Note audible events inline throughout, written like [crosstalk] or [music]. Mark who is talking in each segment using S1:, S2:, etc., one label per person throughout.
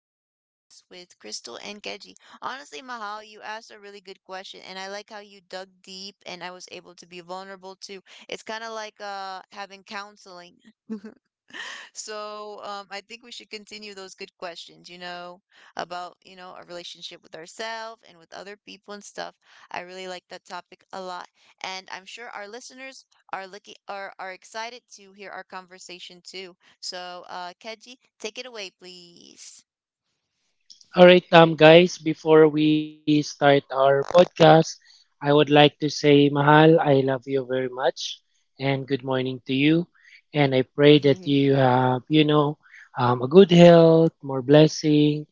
S1: podcast with Crystal and Keji. Honestly, Mahal, you asked a really good question, and I like how you dug deep and I was able to be vulnerable too. It's kind of like having counseling. [laughs] I think we should continue those good questions, about, our relationship with ourselves and with other people and stuff. I really like that topic a lot, and I'm sure our listeners are looking are excited to hear our conversation too. So, Keji, take it away, please.
S2: All right, guys, before we start our podcast, I would like to say, Mahal, I love you very much and good morning to you. And I pray that
S1: [laughs]
S2: you have, a good health, more blessing.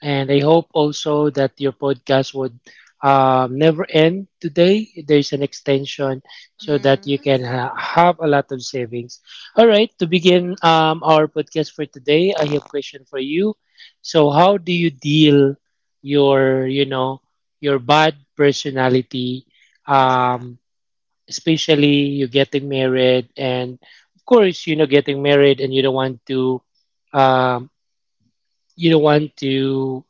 S2: And I hope also that your podcast would never end today. There's an extension so that you
S1: Mm.
S2: can have a lot of savings. All right, to begin our podcast for today, I have a question for you. So how do you deal your, your bad personality,
S1: Ah.
S2: um, especially you getting married and of course, you know, getting married and you don't want to, um, you don't want to,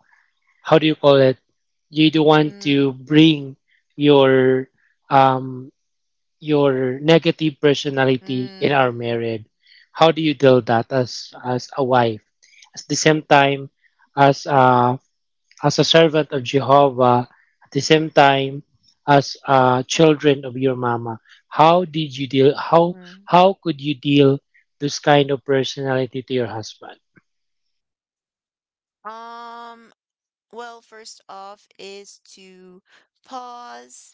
S2: how do you call it? You don't want
S1: Mm.
S2: to bring your, um, your negative personality in our
S1: Mm.
S2: marriage. How do you deal that as a wife? At the same time, as a as a servant of Jehovah, at the same time as children of your mama. How did you deal? How
S1: Mm.
S2: how could you deal this kind of personality to your husband?
S1: Um, well, first off is to pause.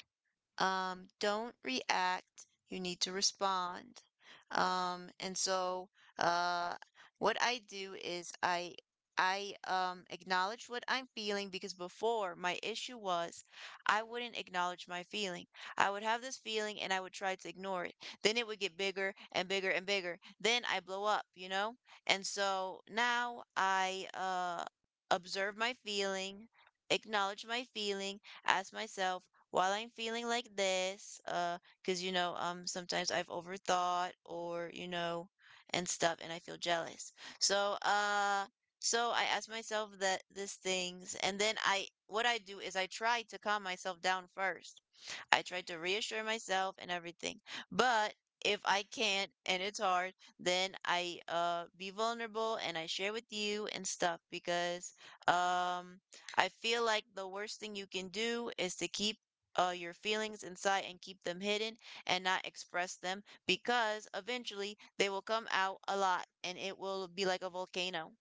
S1: Don't react. You need to respond. Um, and so, uh, what I do is I acknowledge what I'm feeling, because before my issue was I wouldn't acknowledge my feeling. I would have this feeling and I would try to ignore it. Then it would get bigger and bigger and bigger. Then I blow up, you know? And so now I observe my feeling, acknowledge my feeling, ask myself, while I'm feeling like this, because sometimes I've overthought or and stuff, and I feel jealous. So, uh, so I ask myself that these things, and then what I do is I try to calm myself down first. I try to reassure myself and everything. But if I can't and it's hard, then I be vulnerable and I share with you and stuff, because um I feel like the worst thing you can do is to keep your feelings inside and keep them hidden and not express them, because eventually they will come out a lot and it will be like a volcano.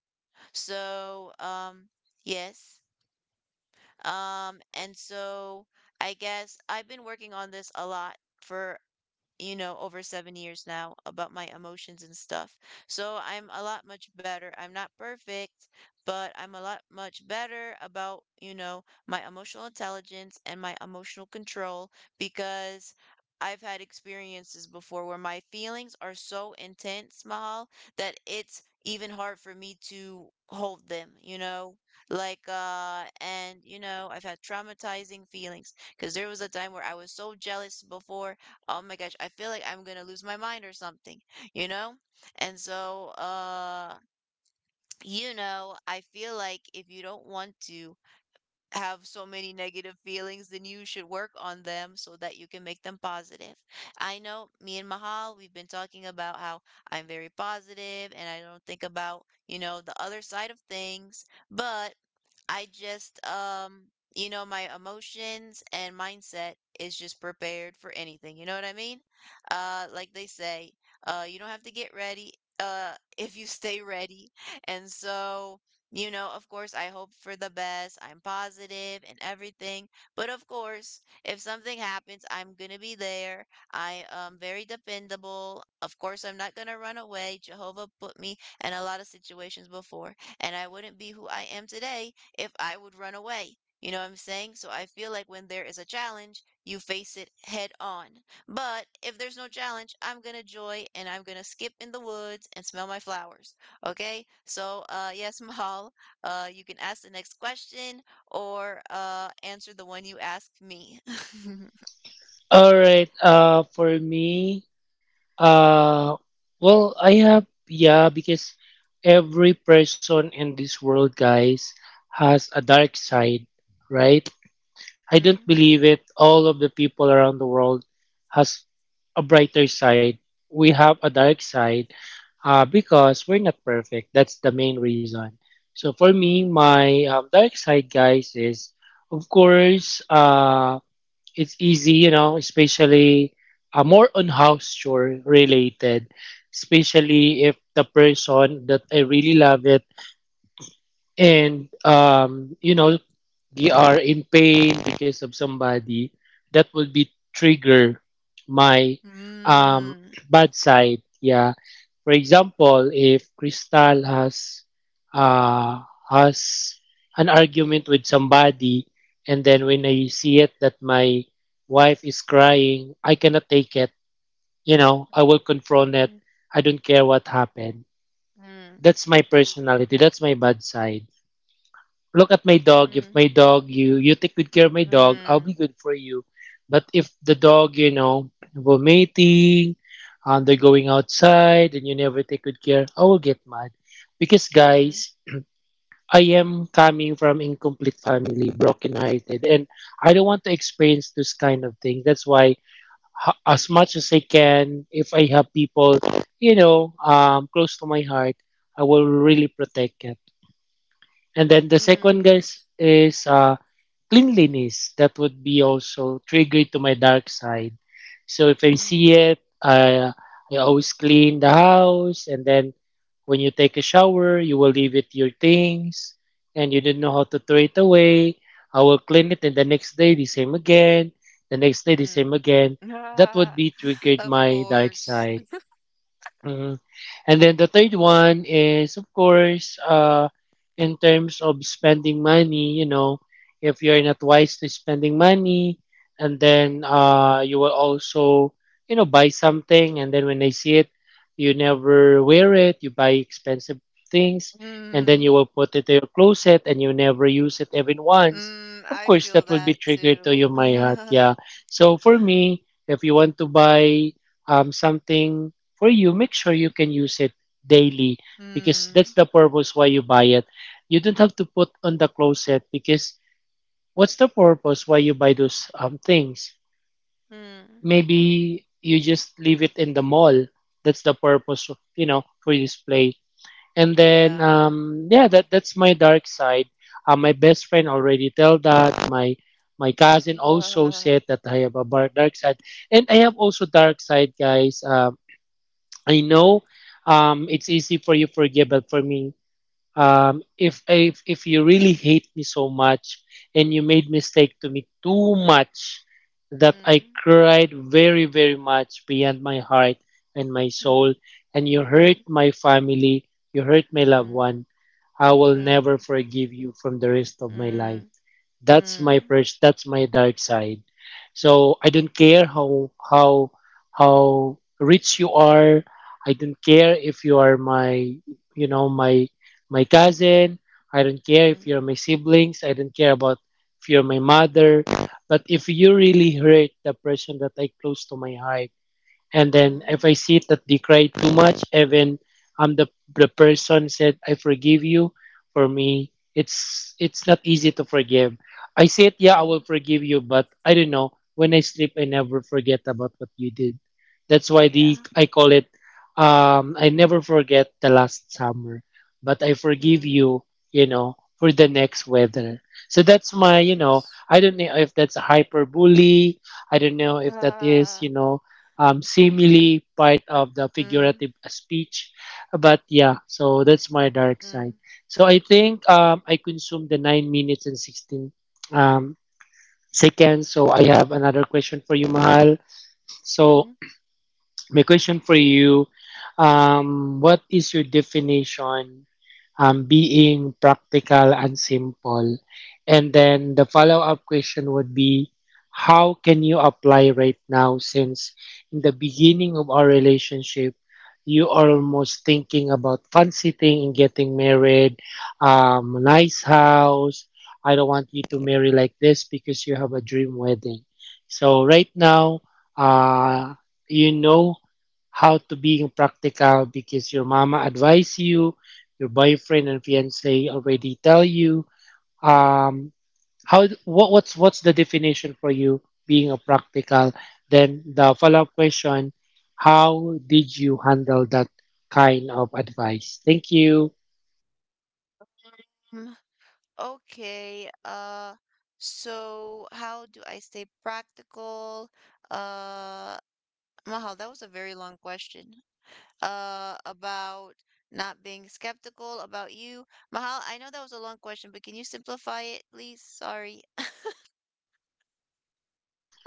S1: So yes. And so I guess I've been working on this a lot for, you know, over 7 years now about my emotions and stuff. So I'm a lot much better. I'm not perfect, but I'm a lot much better about, you know, my emotional intelligence and my emotional control, because I've had experiences before where my feelings are so intense, Mahal, that it's even hard for me to hold them, you know? Like and you know, I've had traumatizing feelings because there was a time where I was so jealous before, oh my gosh, I feel like I'm gonna lose my mind or something, you know? And so, you know, I feel like if you don't want to have so many negative feelings, then you should work on them so that you can make them positive. I know me and Mahal, we've been talking about how I'm very positive and I don't think about, you know, the other side of things, but I just, you know, my emotions and mindset is just prepared for anything. You know what I mean? Like they say, you don't have to get ready, [laughs] if you stay ready. And so, you know, of course, I hope for the best. I'm positive and everything. But of course, if something happens, I'm going to be there. I am very dependable. Of course, I'm not going to run away. Jehovah put me in a lot of situations before, and I wouldn't be who I am today if I would run away. You know what I'm saying? So I feel like when there is a challenge, you face it head on. But if there's no challenge, I'm going to joy and I'm going to skip in the woods and smell my flowers. Okay, so yes, [laughs] Mahal, you can ask the next question or answer the one you asked me. [laughs]
S2: All right. For me, uh, well, I have yeah because every person in this world, guys, has a dark side, right? I don't
S1: Mm,
S2: believe it. All of the people around the world has a brighter side. We have a dark side because we're not perfect. That's the main reason. So for me, my dark side, guys, is of course it's easy, especially more on house chore related, especially if the person that I really love it and you know they are in pain because of somebody that will be trigger my um,
S1: mm,
S2: [clears throat] bad side, yeah. For example, if Crystal uh, has an argument with somebody and then when I see it that my wife is crying, I cannot take it, you know. I will confront it. I don't care what happened.
S1: mm,
S2: That's my personality. That's my bad side. Look at my
S1: mm,
S2: dog. If
S1: mm,
S2: my dog, you take good care of my dog, I'll be
S1: mm,
S2: good for you. But if the dog, you know, vomiting, and they're going outside, and you never take good care, I will get mad. Because
S1: mm,
S2: guys, I am coming from incomplete family, broken hearted, and I don't want to experience this kind of thing. That's why, as much as I can, if I have people, close to my heart, I will really protect it. And then the second,
S1: mm,
S2: guys, is cleanliness. That would be also triggered to my dark side. So if I
S1: mm,
S2: see it, I always clean the house, and then when you take a shower, you will leave it your things and you don't know how to throw it away, I will clean it. And the next day the same again, the next day the
S1: mm.
S2: same again, that would be
S1: [laughs]
S2: triggered
S1: Of
S2: my dark
S1: course.
S2: side. Mm. And then the third one is, of course, in terms of spending money, you know, if you're not wise to spending money, and then you will also, you know, buy something, and then when they see it, you never wear it, you buy expensive things, and then
S1: Mm,
S2: you will put it in your closet and you never use it even once.
S1: mm,
S2: Of
S1: I
S2: course,
S1: feel
S2: that will be
S1: that
S2: triggered to
S1: too.
S2: you, my heart.
S1: [laughs]
S2: Yeah. So for me, if you want to buy something for you, make sure you can use it daily because that's
S1: Mm,
S2: the purpose why you buy it. You don't have to put on the closet because what's the purpose why you buy those things?
S1: mm,
S2: Maybe you just leave it in the mall. That's the purpose, of, you know, for display. And then
S1: yeah.
S2: yeah, that's my dark side. My best friend already tell that. My cousin also
S1: [laughs]
S2: said that I have a dark side, and I have also dark side, guys. I know it's easy for you to forgive, but for me, if, if you really hate me so much and you made mistake to me too much that I
S1: Mm,
S2: cried very much beyond my heart and my
S1: mm,
S2: soul, and you hurt
S1: mm,
S2: my family, you hurt my loved
S1: mm,
S2: one, I will
S1: mm.
S2: never forgive you from the rest of my life.
S1: Mm, mm,
S2: That's my dark side. So I don't care how how rich you are. I don't care if you are my, you know, my cousin. I don't care if
S1: mm,
S2: you're my siblings. I don't care about if you're my mother. But if you really hurt the person that I close to my heart, and then
S1: mm,
S2: if I see that they cry too much, even I'm the person said I forgive you, for me, it's not easy to forgive. I said yeah, I will
S1: mm.
S2: forgive you, but I don't know. When I sleep, I never forget about what you did. That's why the
S1: Yeah.
S2: I call it. I never forget the last summer, but I forgive
S1: Mm,
S2: you, you know, for the next weather. So that's my. You know,
S1: yes.
S2: I don't know if that's a hyperbole. I don't know if that is,
S1: Uh,
S2: you know, simile, part of the
S1: mm,
S2: figurative speech. But yeah, so that's my dark side.
S1: mm,
S2: So I think I consumed the 9 minutes and 16 um, seconds. So I have another question for you, Mahal.
S1: mm-hmm.
S2: So my question for you, what is your definition being practical and simple? And then the follow-up question would be, how can you apply right now, since in the beginning of our relationship, you are almost thinking about fancy thing and getting married, nice house. I don't want you to marry like this because you have a dream wedding. So right now, uh, you know how to being practical because your mama advise you, your boyfriend and fiance already tell you. Um, how What what's the definition for you being a practical? Then the follow up question: how did you handle that kind of advice? Thank you.
S1: Mm, okay. So how do I stay practical? Uh, Mahal, that was a very long question. About not being skeptical about you. Mahal, I know that was a long question, but can you simplify it, please? Sorry.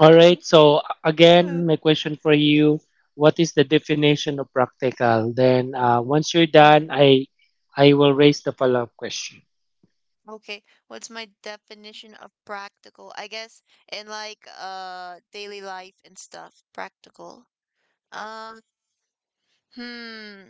S2: All right. So again, my
S1: [laughs]
S2: question for you: what is the definition of practical? Then once you're
S1: Mm.
S2: done, I will raise the follow up question.
S1: Okay, what's my definition of practical? I guess in like daily life and stuff, practical. Um, hmm.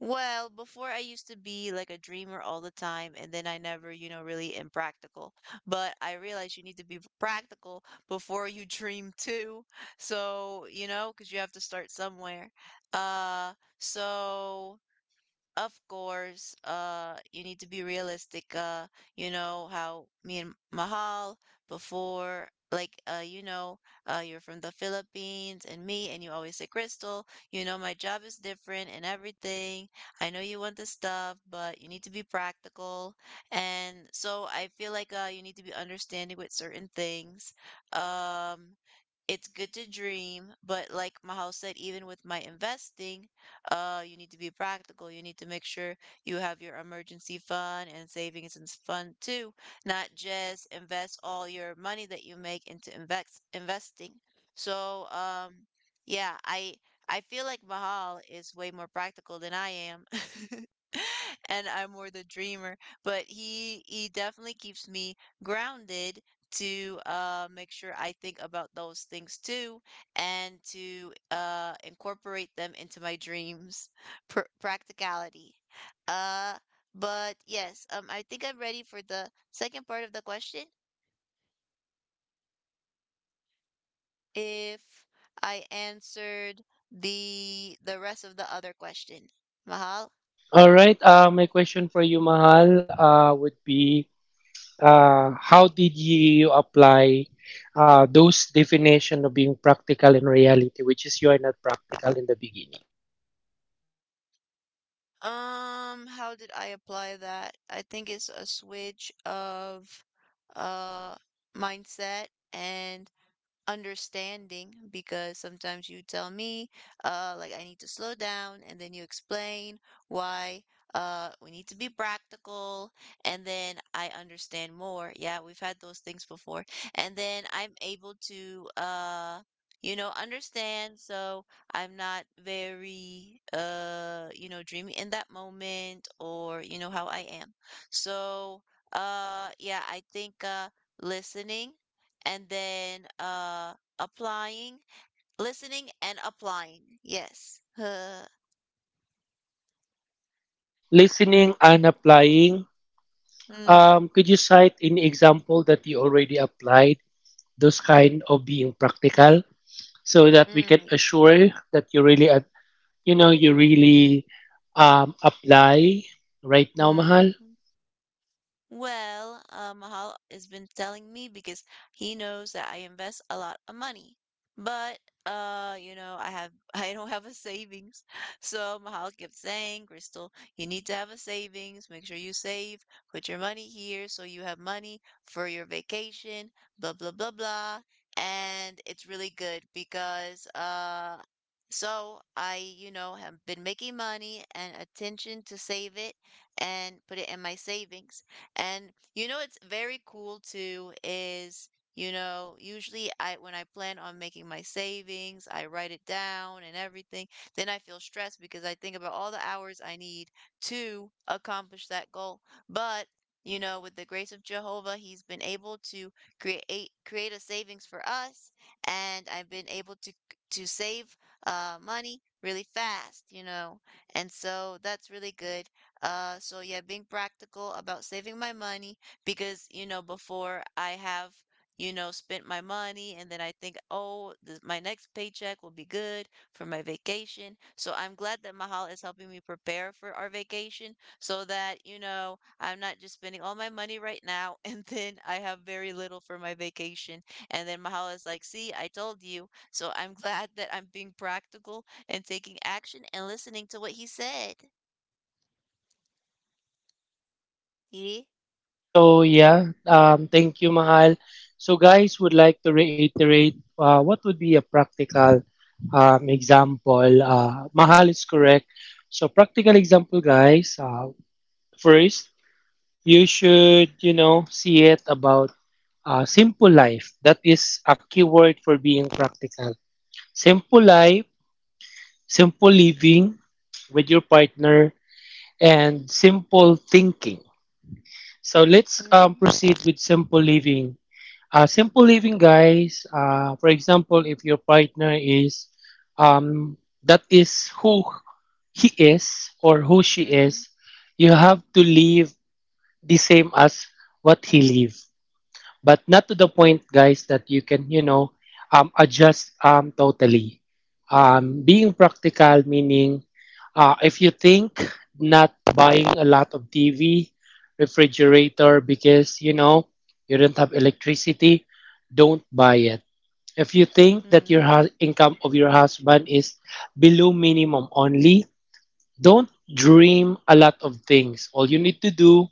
S1: Well, before I used to be like a dreamer all the time, and then I never, you know, really am practical. But I realized you need to be practical before you dream too. So, you know, because you have to start somewhere. Uh, so of course, you need to be realistic. You know how me and Mahal before, like, you know, you're from the Philippines and me, and you always say, Crystal, you know, my job is different and everything. I know you want the stuff, but you need to be practical. And so I feel like you need to be understanding with certain things. Um, it's good to dream, but like Mahal said, even with my investing, you need to be practical. You need to make sure you have your emergency fund and savings and fund too, not just invest all your money that you make into investing. So, yeah, I feel like Mahal is way more practical than I am. [laughs] And I'm more the dreamer, but he definitely keeps me grounded to make sure I think about those things too and to incorporate them into my dreams. [laughs] Practicality. Uh, but yes, I think I'm ready for the second part of the question, if I answered the rest of the other question, Mahal.
S2: All right. My question for you, Mahal, would be how did you apply those definition of being practical in reality, which is you are not practical in the beginning.
S1: How did I apply that? I think it's a switch of uh mindset and understanding, because sometimes you tell me like I need to slow down and then you explain why we need to be practical, and then I understand more. Yeah, we've had those things before. And then I'm able to you know understand, so I'm not very you know dreamy in that moment or you know how I am. So yeah, I think listening and then applying, listening and applying. Yes. [laughs]
S2: Listening and applying.
S1: Uh,
S2: Could you cite any example that you already applied those kind of being practical, so
S1: mm,
S2: that we can
S1: mm,
S2: assure that you really, you know, you really apply right now,
S1: mm.
S2: Mahal?
S1: Well, Mahal has been telling me because he knows that I invest a lot of money. But you know, I have [laughs] I don't have a savings. [laughs] So Mahal kept saying, Crystal, you need to have a savings. Make sure you save, put your money here so you have money for your vacation, blah blah blah blah. And it's really good, because so I, you know, have been making money and attention to save it and put it in my savings, and you know it's very cool too is, you know, usually I when I plan on making my savings, I write it down and everything. Then I feel stressed because I think about all the hours I need to accomplish that goal. But you know, with the grace of Jehovah, he's been able to create a savings for us, and I've been able to save money really fast, you know. And so that's really good. So yeah, being practical about saving my money because, you know, before I have, you know, spent my money and then I think, oh, this, my next paycheck will be good for my vacation. So I'm glad that Mahal is helping me prepare for our vacation so that, you know, I'm not just spending all my money right now [laughs] and then I have very little for my vacation. And then Mahal is like, see, I told you. So I'm glad that I'm being practical and taking action and listening to what he said. Yeah.
S2: Okay, so yeah, thank you, Mahal. So, guys, would like to reiterate what would be a practical example. Mahal is correct. So, practical example, guys. First, you should, you know, see it about simple life. That is a key word for being practical. Simple life, simple living with your partner, and simple thinking. So let's
S1: Mm,
S2: proceed with simple living. Simple living, guys. For example, if your partner is, um, that is who he is or who she
S1: mm,
S2: is, you have to live the same as what he live, but not to the point, guys, that you can, you know, adjust totally. Being practical meaning if you think not buying a lot of TV, refrigerator because you know you don't have electricity, don't buy it. If you think that your
S1: mm,
S2: income of your husband is below minimum only, don't dream a lot of things. All you need to do,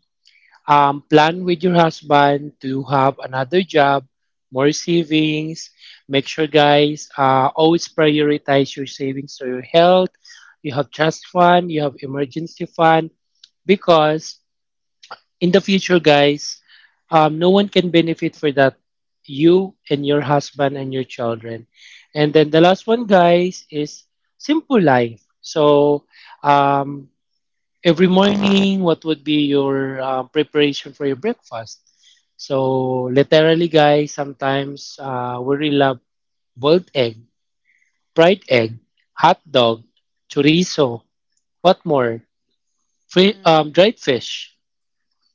S2: plan with your husband to have another job, more savings. Make sure, guys, always prioritize your savings to your health. You have trust fund, you have emergency fund, because in the future, guys, no one can benefit for that. You and your husband and your children. And then the last one, guys, is simple life. So, um, every morning, what would be your preparation for your breakfast? So, literally, guys, sometimes we really love boiled egg, fried egg, hot dog, chorizo, what more? Free,
S1: mm,
S2: dried fish.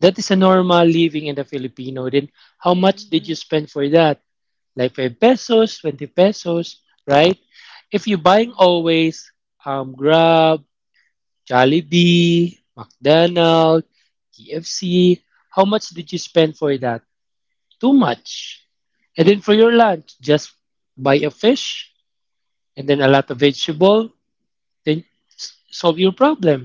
S2: That is a normal living in the Filipino. Then, how much did
S1: mhm,
S2: you spend for that? Like 5 pesos, 20 pesos, right? If you're buying
S1: mhm,
S2: always Grab, Jollibee, McDonald's, KFC. How much did you spend for that? Too much. And then for your lunch, just buy a fish and then a lot of vegetable. Then solve your problem.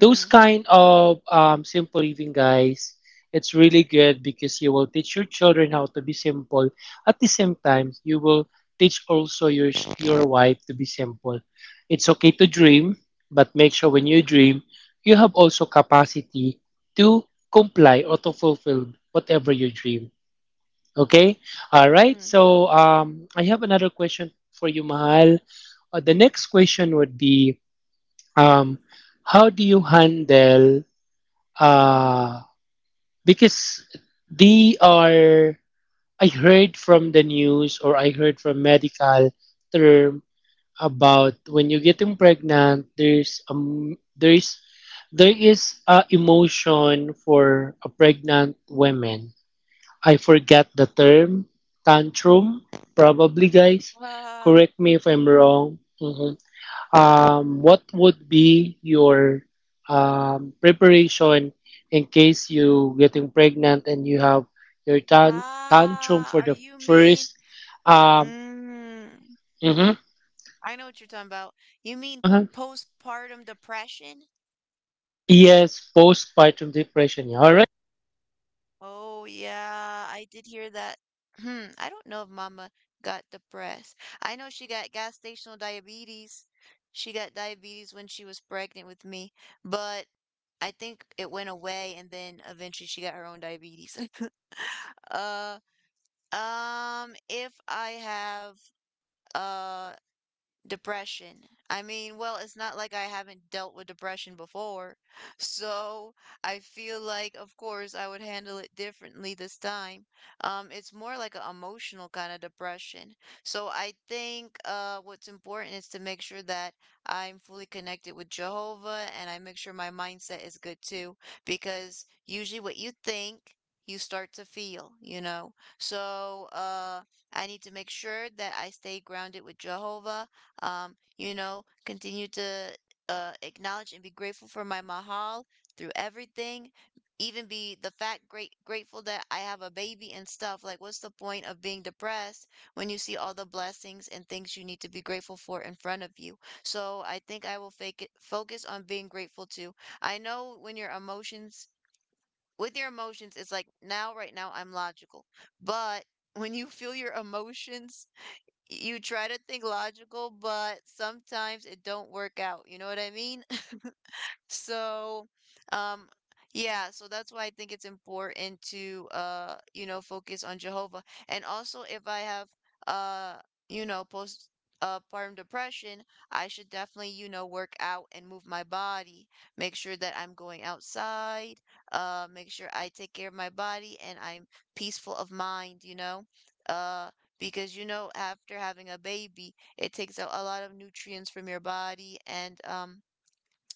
S2: Those kind of simple living, guys, it's really good because you will teach your children how to be simple. At the same time, you will teach also your wife to be simple. It's okay to dream, but make sure when you dream, you have also capacity to comply or to fulfill whatever you dream. Okay? All right.
S1: mm.
S2: So I have another question for you, Mahal. The next question would be, um, how do you handle, uh, because they are I heard from the news or I heard from medical term about when you getting pregnant, there's there is a emotion for a pregnant women. I forgot the term, tantrum probably. Guys,
S1: Uh,
S2: correct me if I'm wrong. Mm-hmm. What would be your preparation in case you getting pregnant and you have your tantrum for
S1: are
S2: the
S1: you mean?
S2: first um
S1: Mm,
S2: mhm.
S1: I know what you're talking about. You
S2: Hey,
S1: mean
S2: Mahal.
S1: postpartum depression?
S2: Yes, postpartum depression. Yeah. All right, take it away.
S1: Oh, yeah, I did hear that. Hmm, I don't know if Mama got depressed. I know she got gas stational diabetes. She got diabetes when she was pregnant with me, but I think it went away and then eventually she got her own diabetes. [laughs] Uh, if I have uh depression. I mean, well, it's not like I haven't dealt with depression before. [laughs] So I feel like, of course, I would handle it differently this time. It's more like an emotional kind of depression. So I think what's important is to make sure that I'm fully connected with Jehovah and I make sure my mindset is good too. Because usually what you think, you start to feel, you know? So I need to make sure that I stay grounded with Jehovah, you know, continue to acknowledge and be grateful for my mahal through everything, even be the fact great grateful that I have a baby and stuff. Like, what's the point of being depressed when you see all the blessings and things you need to be grateful for in front of you? So I think I will fake it, focus on being grateful too. I know when your emotions with your emotions, it's like now, right now, I'm logical. But when you feel your emotions you try to think logical, but sometimes it don't work out. You know what I mean? So, um, yeah, so that's why I think it's important to focus on Jehovah. And also if I have uh, you know, post postpartum depression, I should definitely, you know, work out and move my body. Make sure that I'm going outside, make sure I take care of my body and I'm peaceful of mind, you know? Uh, because after having a baby, it takes out a lot of nutrients from your body and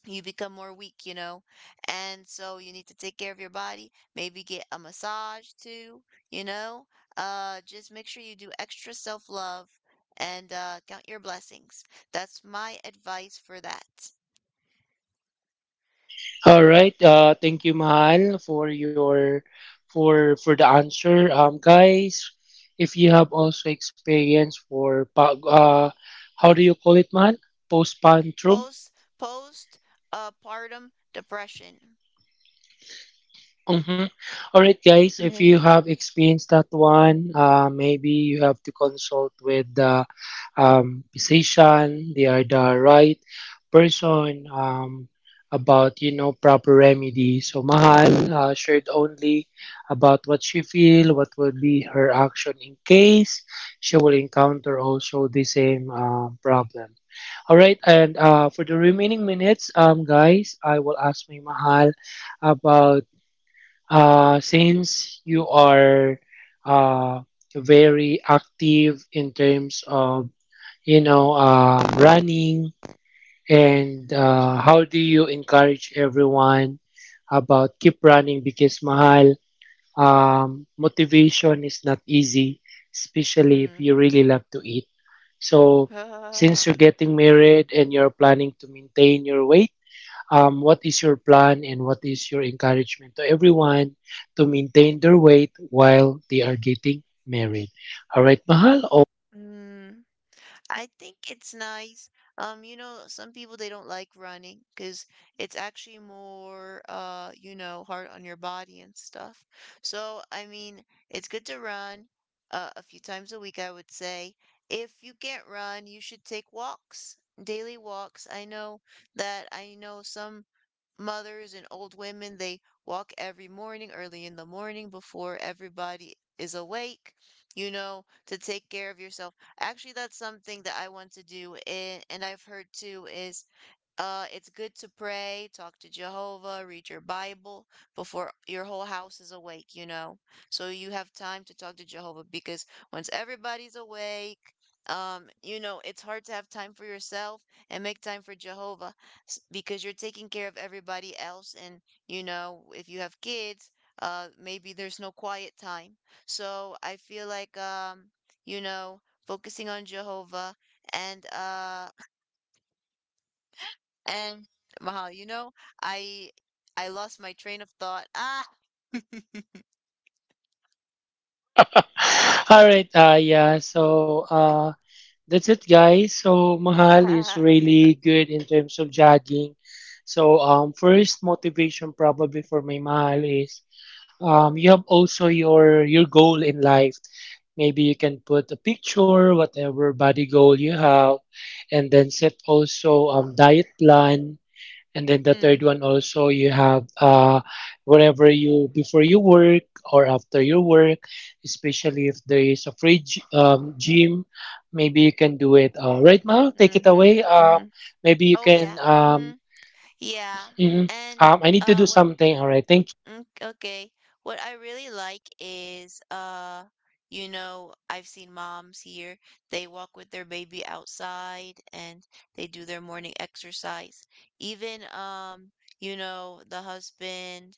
S1: you become more weak, you know? And so you need to take care of your body. Maybe get a massage too, you know? Just make sure you do extra self love and count your blessings. That's my advice for that.
S2: All right, thank you, Mahal, for your for the answer. Guys, if you have also experience for how do you call it, Mahal? Postpartum.
S1: Post post partum depression.
S2: Mhm. All right, guys.
S1: [laughs]
S2: If
S1: mm,
S2: you have experienced that one, maybe you have to consult with the physician. They are the right person about, you know, proper remedy. So Mahal shared only about what she feel, what would be her action in case she will encounter also the same problem. All right, and for the remaining minutes, guys, I will ask my Mahal about, since you are uh, very active in terms of, you know, running and, how do you encourage everyone about keep running, because Mahal motivation is not easy, especially if
S1: mm,
S2: you really love to eat. So since
S1: [laughs]
S2: you're getting married and you're planning to maintain your weight, what is your plan and what is your encouragement to everyone to maintain their weight while they are getting married? All right, Mahal, on the minutes.
S1: mm, I think it's nice. You know, some people they don't like running because it's actually more you know, hard on your body and stuff. So, I mean, it's good to run a few times a week, I would say. If you can't run, you should take walks, daily walks. I know some mothers and old women, they walk every morning, early in the morning, before everybody is awake, you know, to take care of yourself. Actually, that's something that I want to do, and I've heard too is it's good to pray, talk to Jehovah, read your Bible before your whole house is awake, you know. So you have time to talk to Jehovah because once everybody's awake, you know, it's hard to have time for yourself and make time for Jehovah because you're taking care of everybody else. And, you know, if you have kids, maybe there's no quiet time. So I feel like, you know, focusing on Jehovah and, uh, and Mahal, you know, I I lost my train of thought. Ah.
S2: All right, yeah, so that's it, guys. So Mahal is
S1: [laughs]
S2: really good in terms of jogging. So first motivation probably for my Mahal is, you have also your goal in life. Maybe you can put a picture, whatever body goal you have, and then set also diet plan. And then the third
S1: Mm,
S2: one also, you have wherever you, before you work or after your work, especially if there is a free gym, maybe you can do it. Right, Mal, take it away.
S1: mm-hmm, mm-hmm.
S2: Maybe you
S1: Oh
S2: can
S1: yeah. Mm-hmm. Yeah.
S2: mhm.
S1: And
S2: I need to
S1: uh,
S2: do
S1: what
S2: something. All right, thank
S1: Okay. What I really like is, you know, I've seen moms here. They walk with their baby outside and they do their morning exercise. Even, you know, the husband,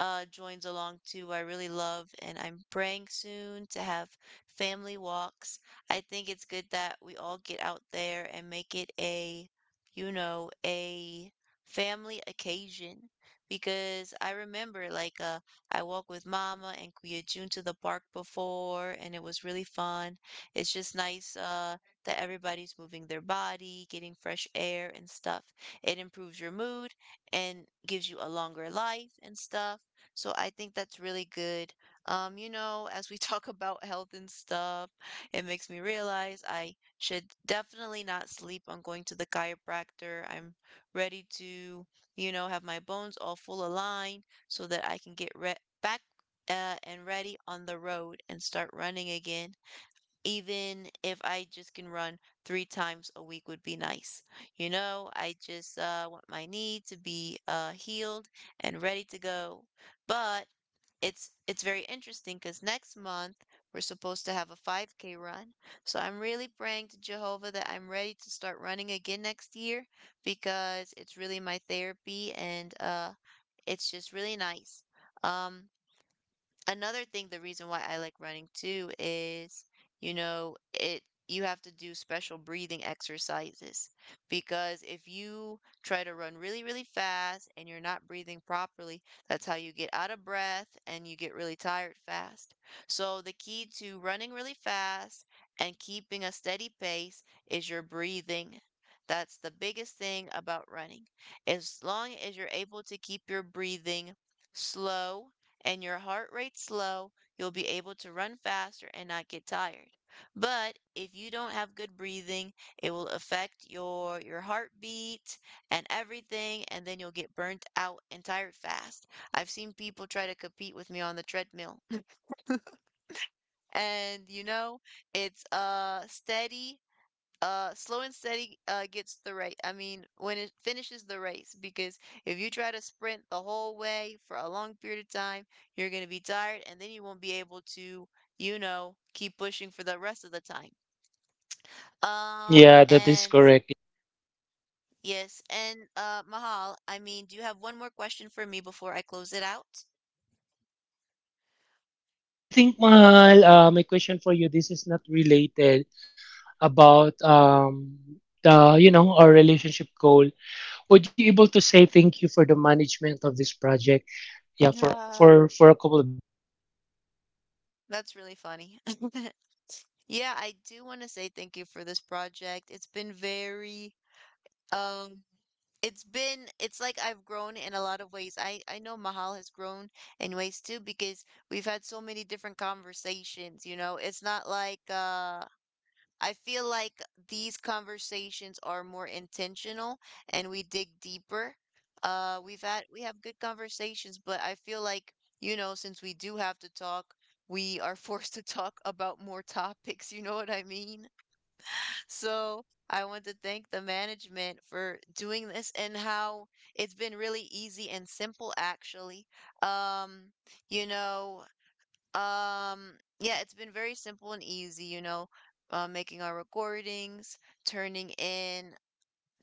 S1: joins along too. I really love, and I'm praying soon to have family walks. I think it's good that we all get out there and make it a, you know, a family occasion because I remember I walked with Mama and Kuya June to the park before and it was really fun. It's just nice that everybody's moving their body, getting fresh air and stuff. It improves your mood and gives you a longer life and stuff. So I think that's really good. You know, as we [laughs] talk about health and stuff, it makes me realize I should definitely not sleep on going to the chiropractor. I'm ready to you know, have my bones all full aligned so that I can get back and ready on the road and start running again even if I just can run three times a week would be nice. You know, I just want my knee to be healed and ready to go. But it's very interesting because next month we're supposed to have a 5K run. So I'm really praying to Jehovah that I'm ready to start running again next year because it's really my therapy and it's just really nice. Um, Another thing the reason why I like running too is you know it you have to do special breathing exercises because if you try to run really really fast and you're not breathing properly that's how you get out of breath and you get really tired fast so the key to running really fast and keeping a steady pace is your breathing that's the biggest thing about running as long as you're able to keep your breathing slow and your heart rate's low, you'll be able to run faster and not get tired. But if you don't have good breathing, it will affect your heartbeat and everything and then you'll get burnt out and tired fast. I've seen people try to compete with me on the treadmill. [laughs] And you know, it's steady slow and steady gets the right. I mean, when it finishes the race, because if you try to sprint the whole way for a long period of time, you're gonna be tired, and then you won't be able to, you know, keep pushing for the rest of the time.
S2: you. Mm-hmm. Yeah, that is
S1: And
S2: correct.
S1: yes, and Mahal, I mean, do you have one more question for me before I close it out?
S2: I think, Mahal, my question for you, this is not related about the, you know, our relationship goal. Would you able to say thank you for the management of this project? Yeah, for
S1: Uh,
S2: for a couple of minutes.
S1: that's really funny. [laughs] Yeah, I do want to say thank you for this project. It's been very um it's been it's like I've grown in a lot of ways. I know Mahal has grown in ways too because we've had so many different conversations, you know. It's not like I feel like these conversations are more intentional and we dig deeper. We have good conversations, but I feel like, you know, since we do have to talk, we are [laughs] forced to talk about more topics, you know what I mean? So I want to thank the management for doing this and how it's been really easy and simple, actually. Um, you know, um, yeah, it's been very simple and easy, you know, making our recordings, turning in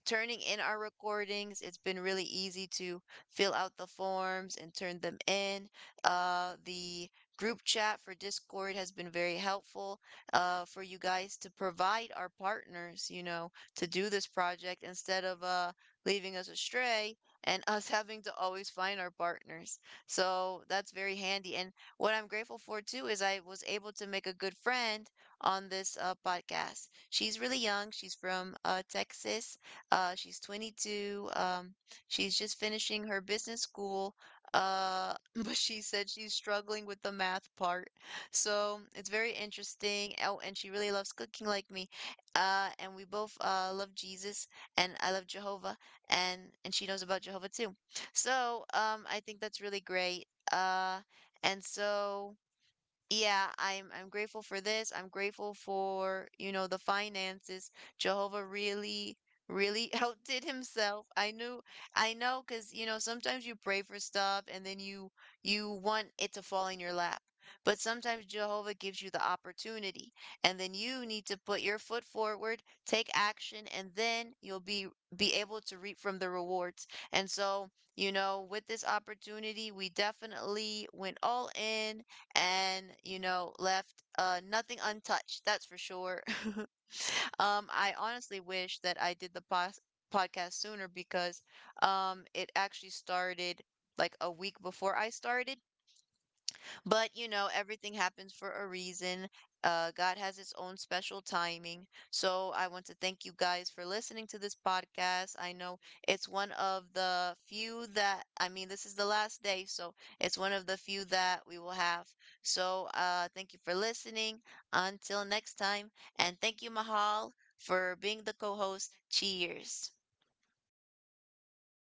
S1: turning in our recordings. It's been really easy to fill out the forms and turn them in. The group chat for Discord has been very helpful for you guys to provide our partners, you know, to do this project instead of leaving us astray and [laughs] us having to always find our partners. So that's very handy. And what I'm grateful for too is I was able to make a good friend on this podcast. She's really young. She's from Texas. She's 22. She's just finishing her business school. Uh, [laughs] but she said she's struggling with the math part. So it's very interesting. Oh, and she really loves cooking like me. And we both love Jesus, and I love Jehovah, and she knows about Jehovah too. So I think that's really great. Uh, and so yeah, I'm grateful for this. I'm grateful for, you know, the finances. Jehovah really really [laughs] outdid himself. I know 'cause you know, sometimes you pray for stuff and then you want it to fall in your lap. But sometimes Jehovah gives you the opportunity and then you need to put your foot forward, take action and then you'll be able to reap from the rewards. And so, you know, with this opportunity, we definitely went all in and you know left nothing untouched that's for sure. [laughs] I honestly wish that I did the podcast sooner because it actually started like a week before I started but you know, everything happens for a reason. God has its own special timing. So I want to thank you guys for listening to this podcast. I know it's one of the few that, I mean, this is the last day, so it's one of the few that we will have. So thank you for listening. Until next time. And thank you, Mahal, for being the co host. Cheers.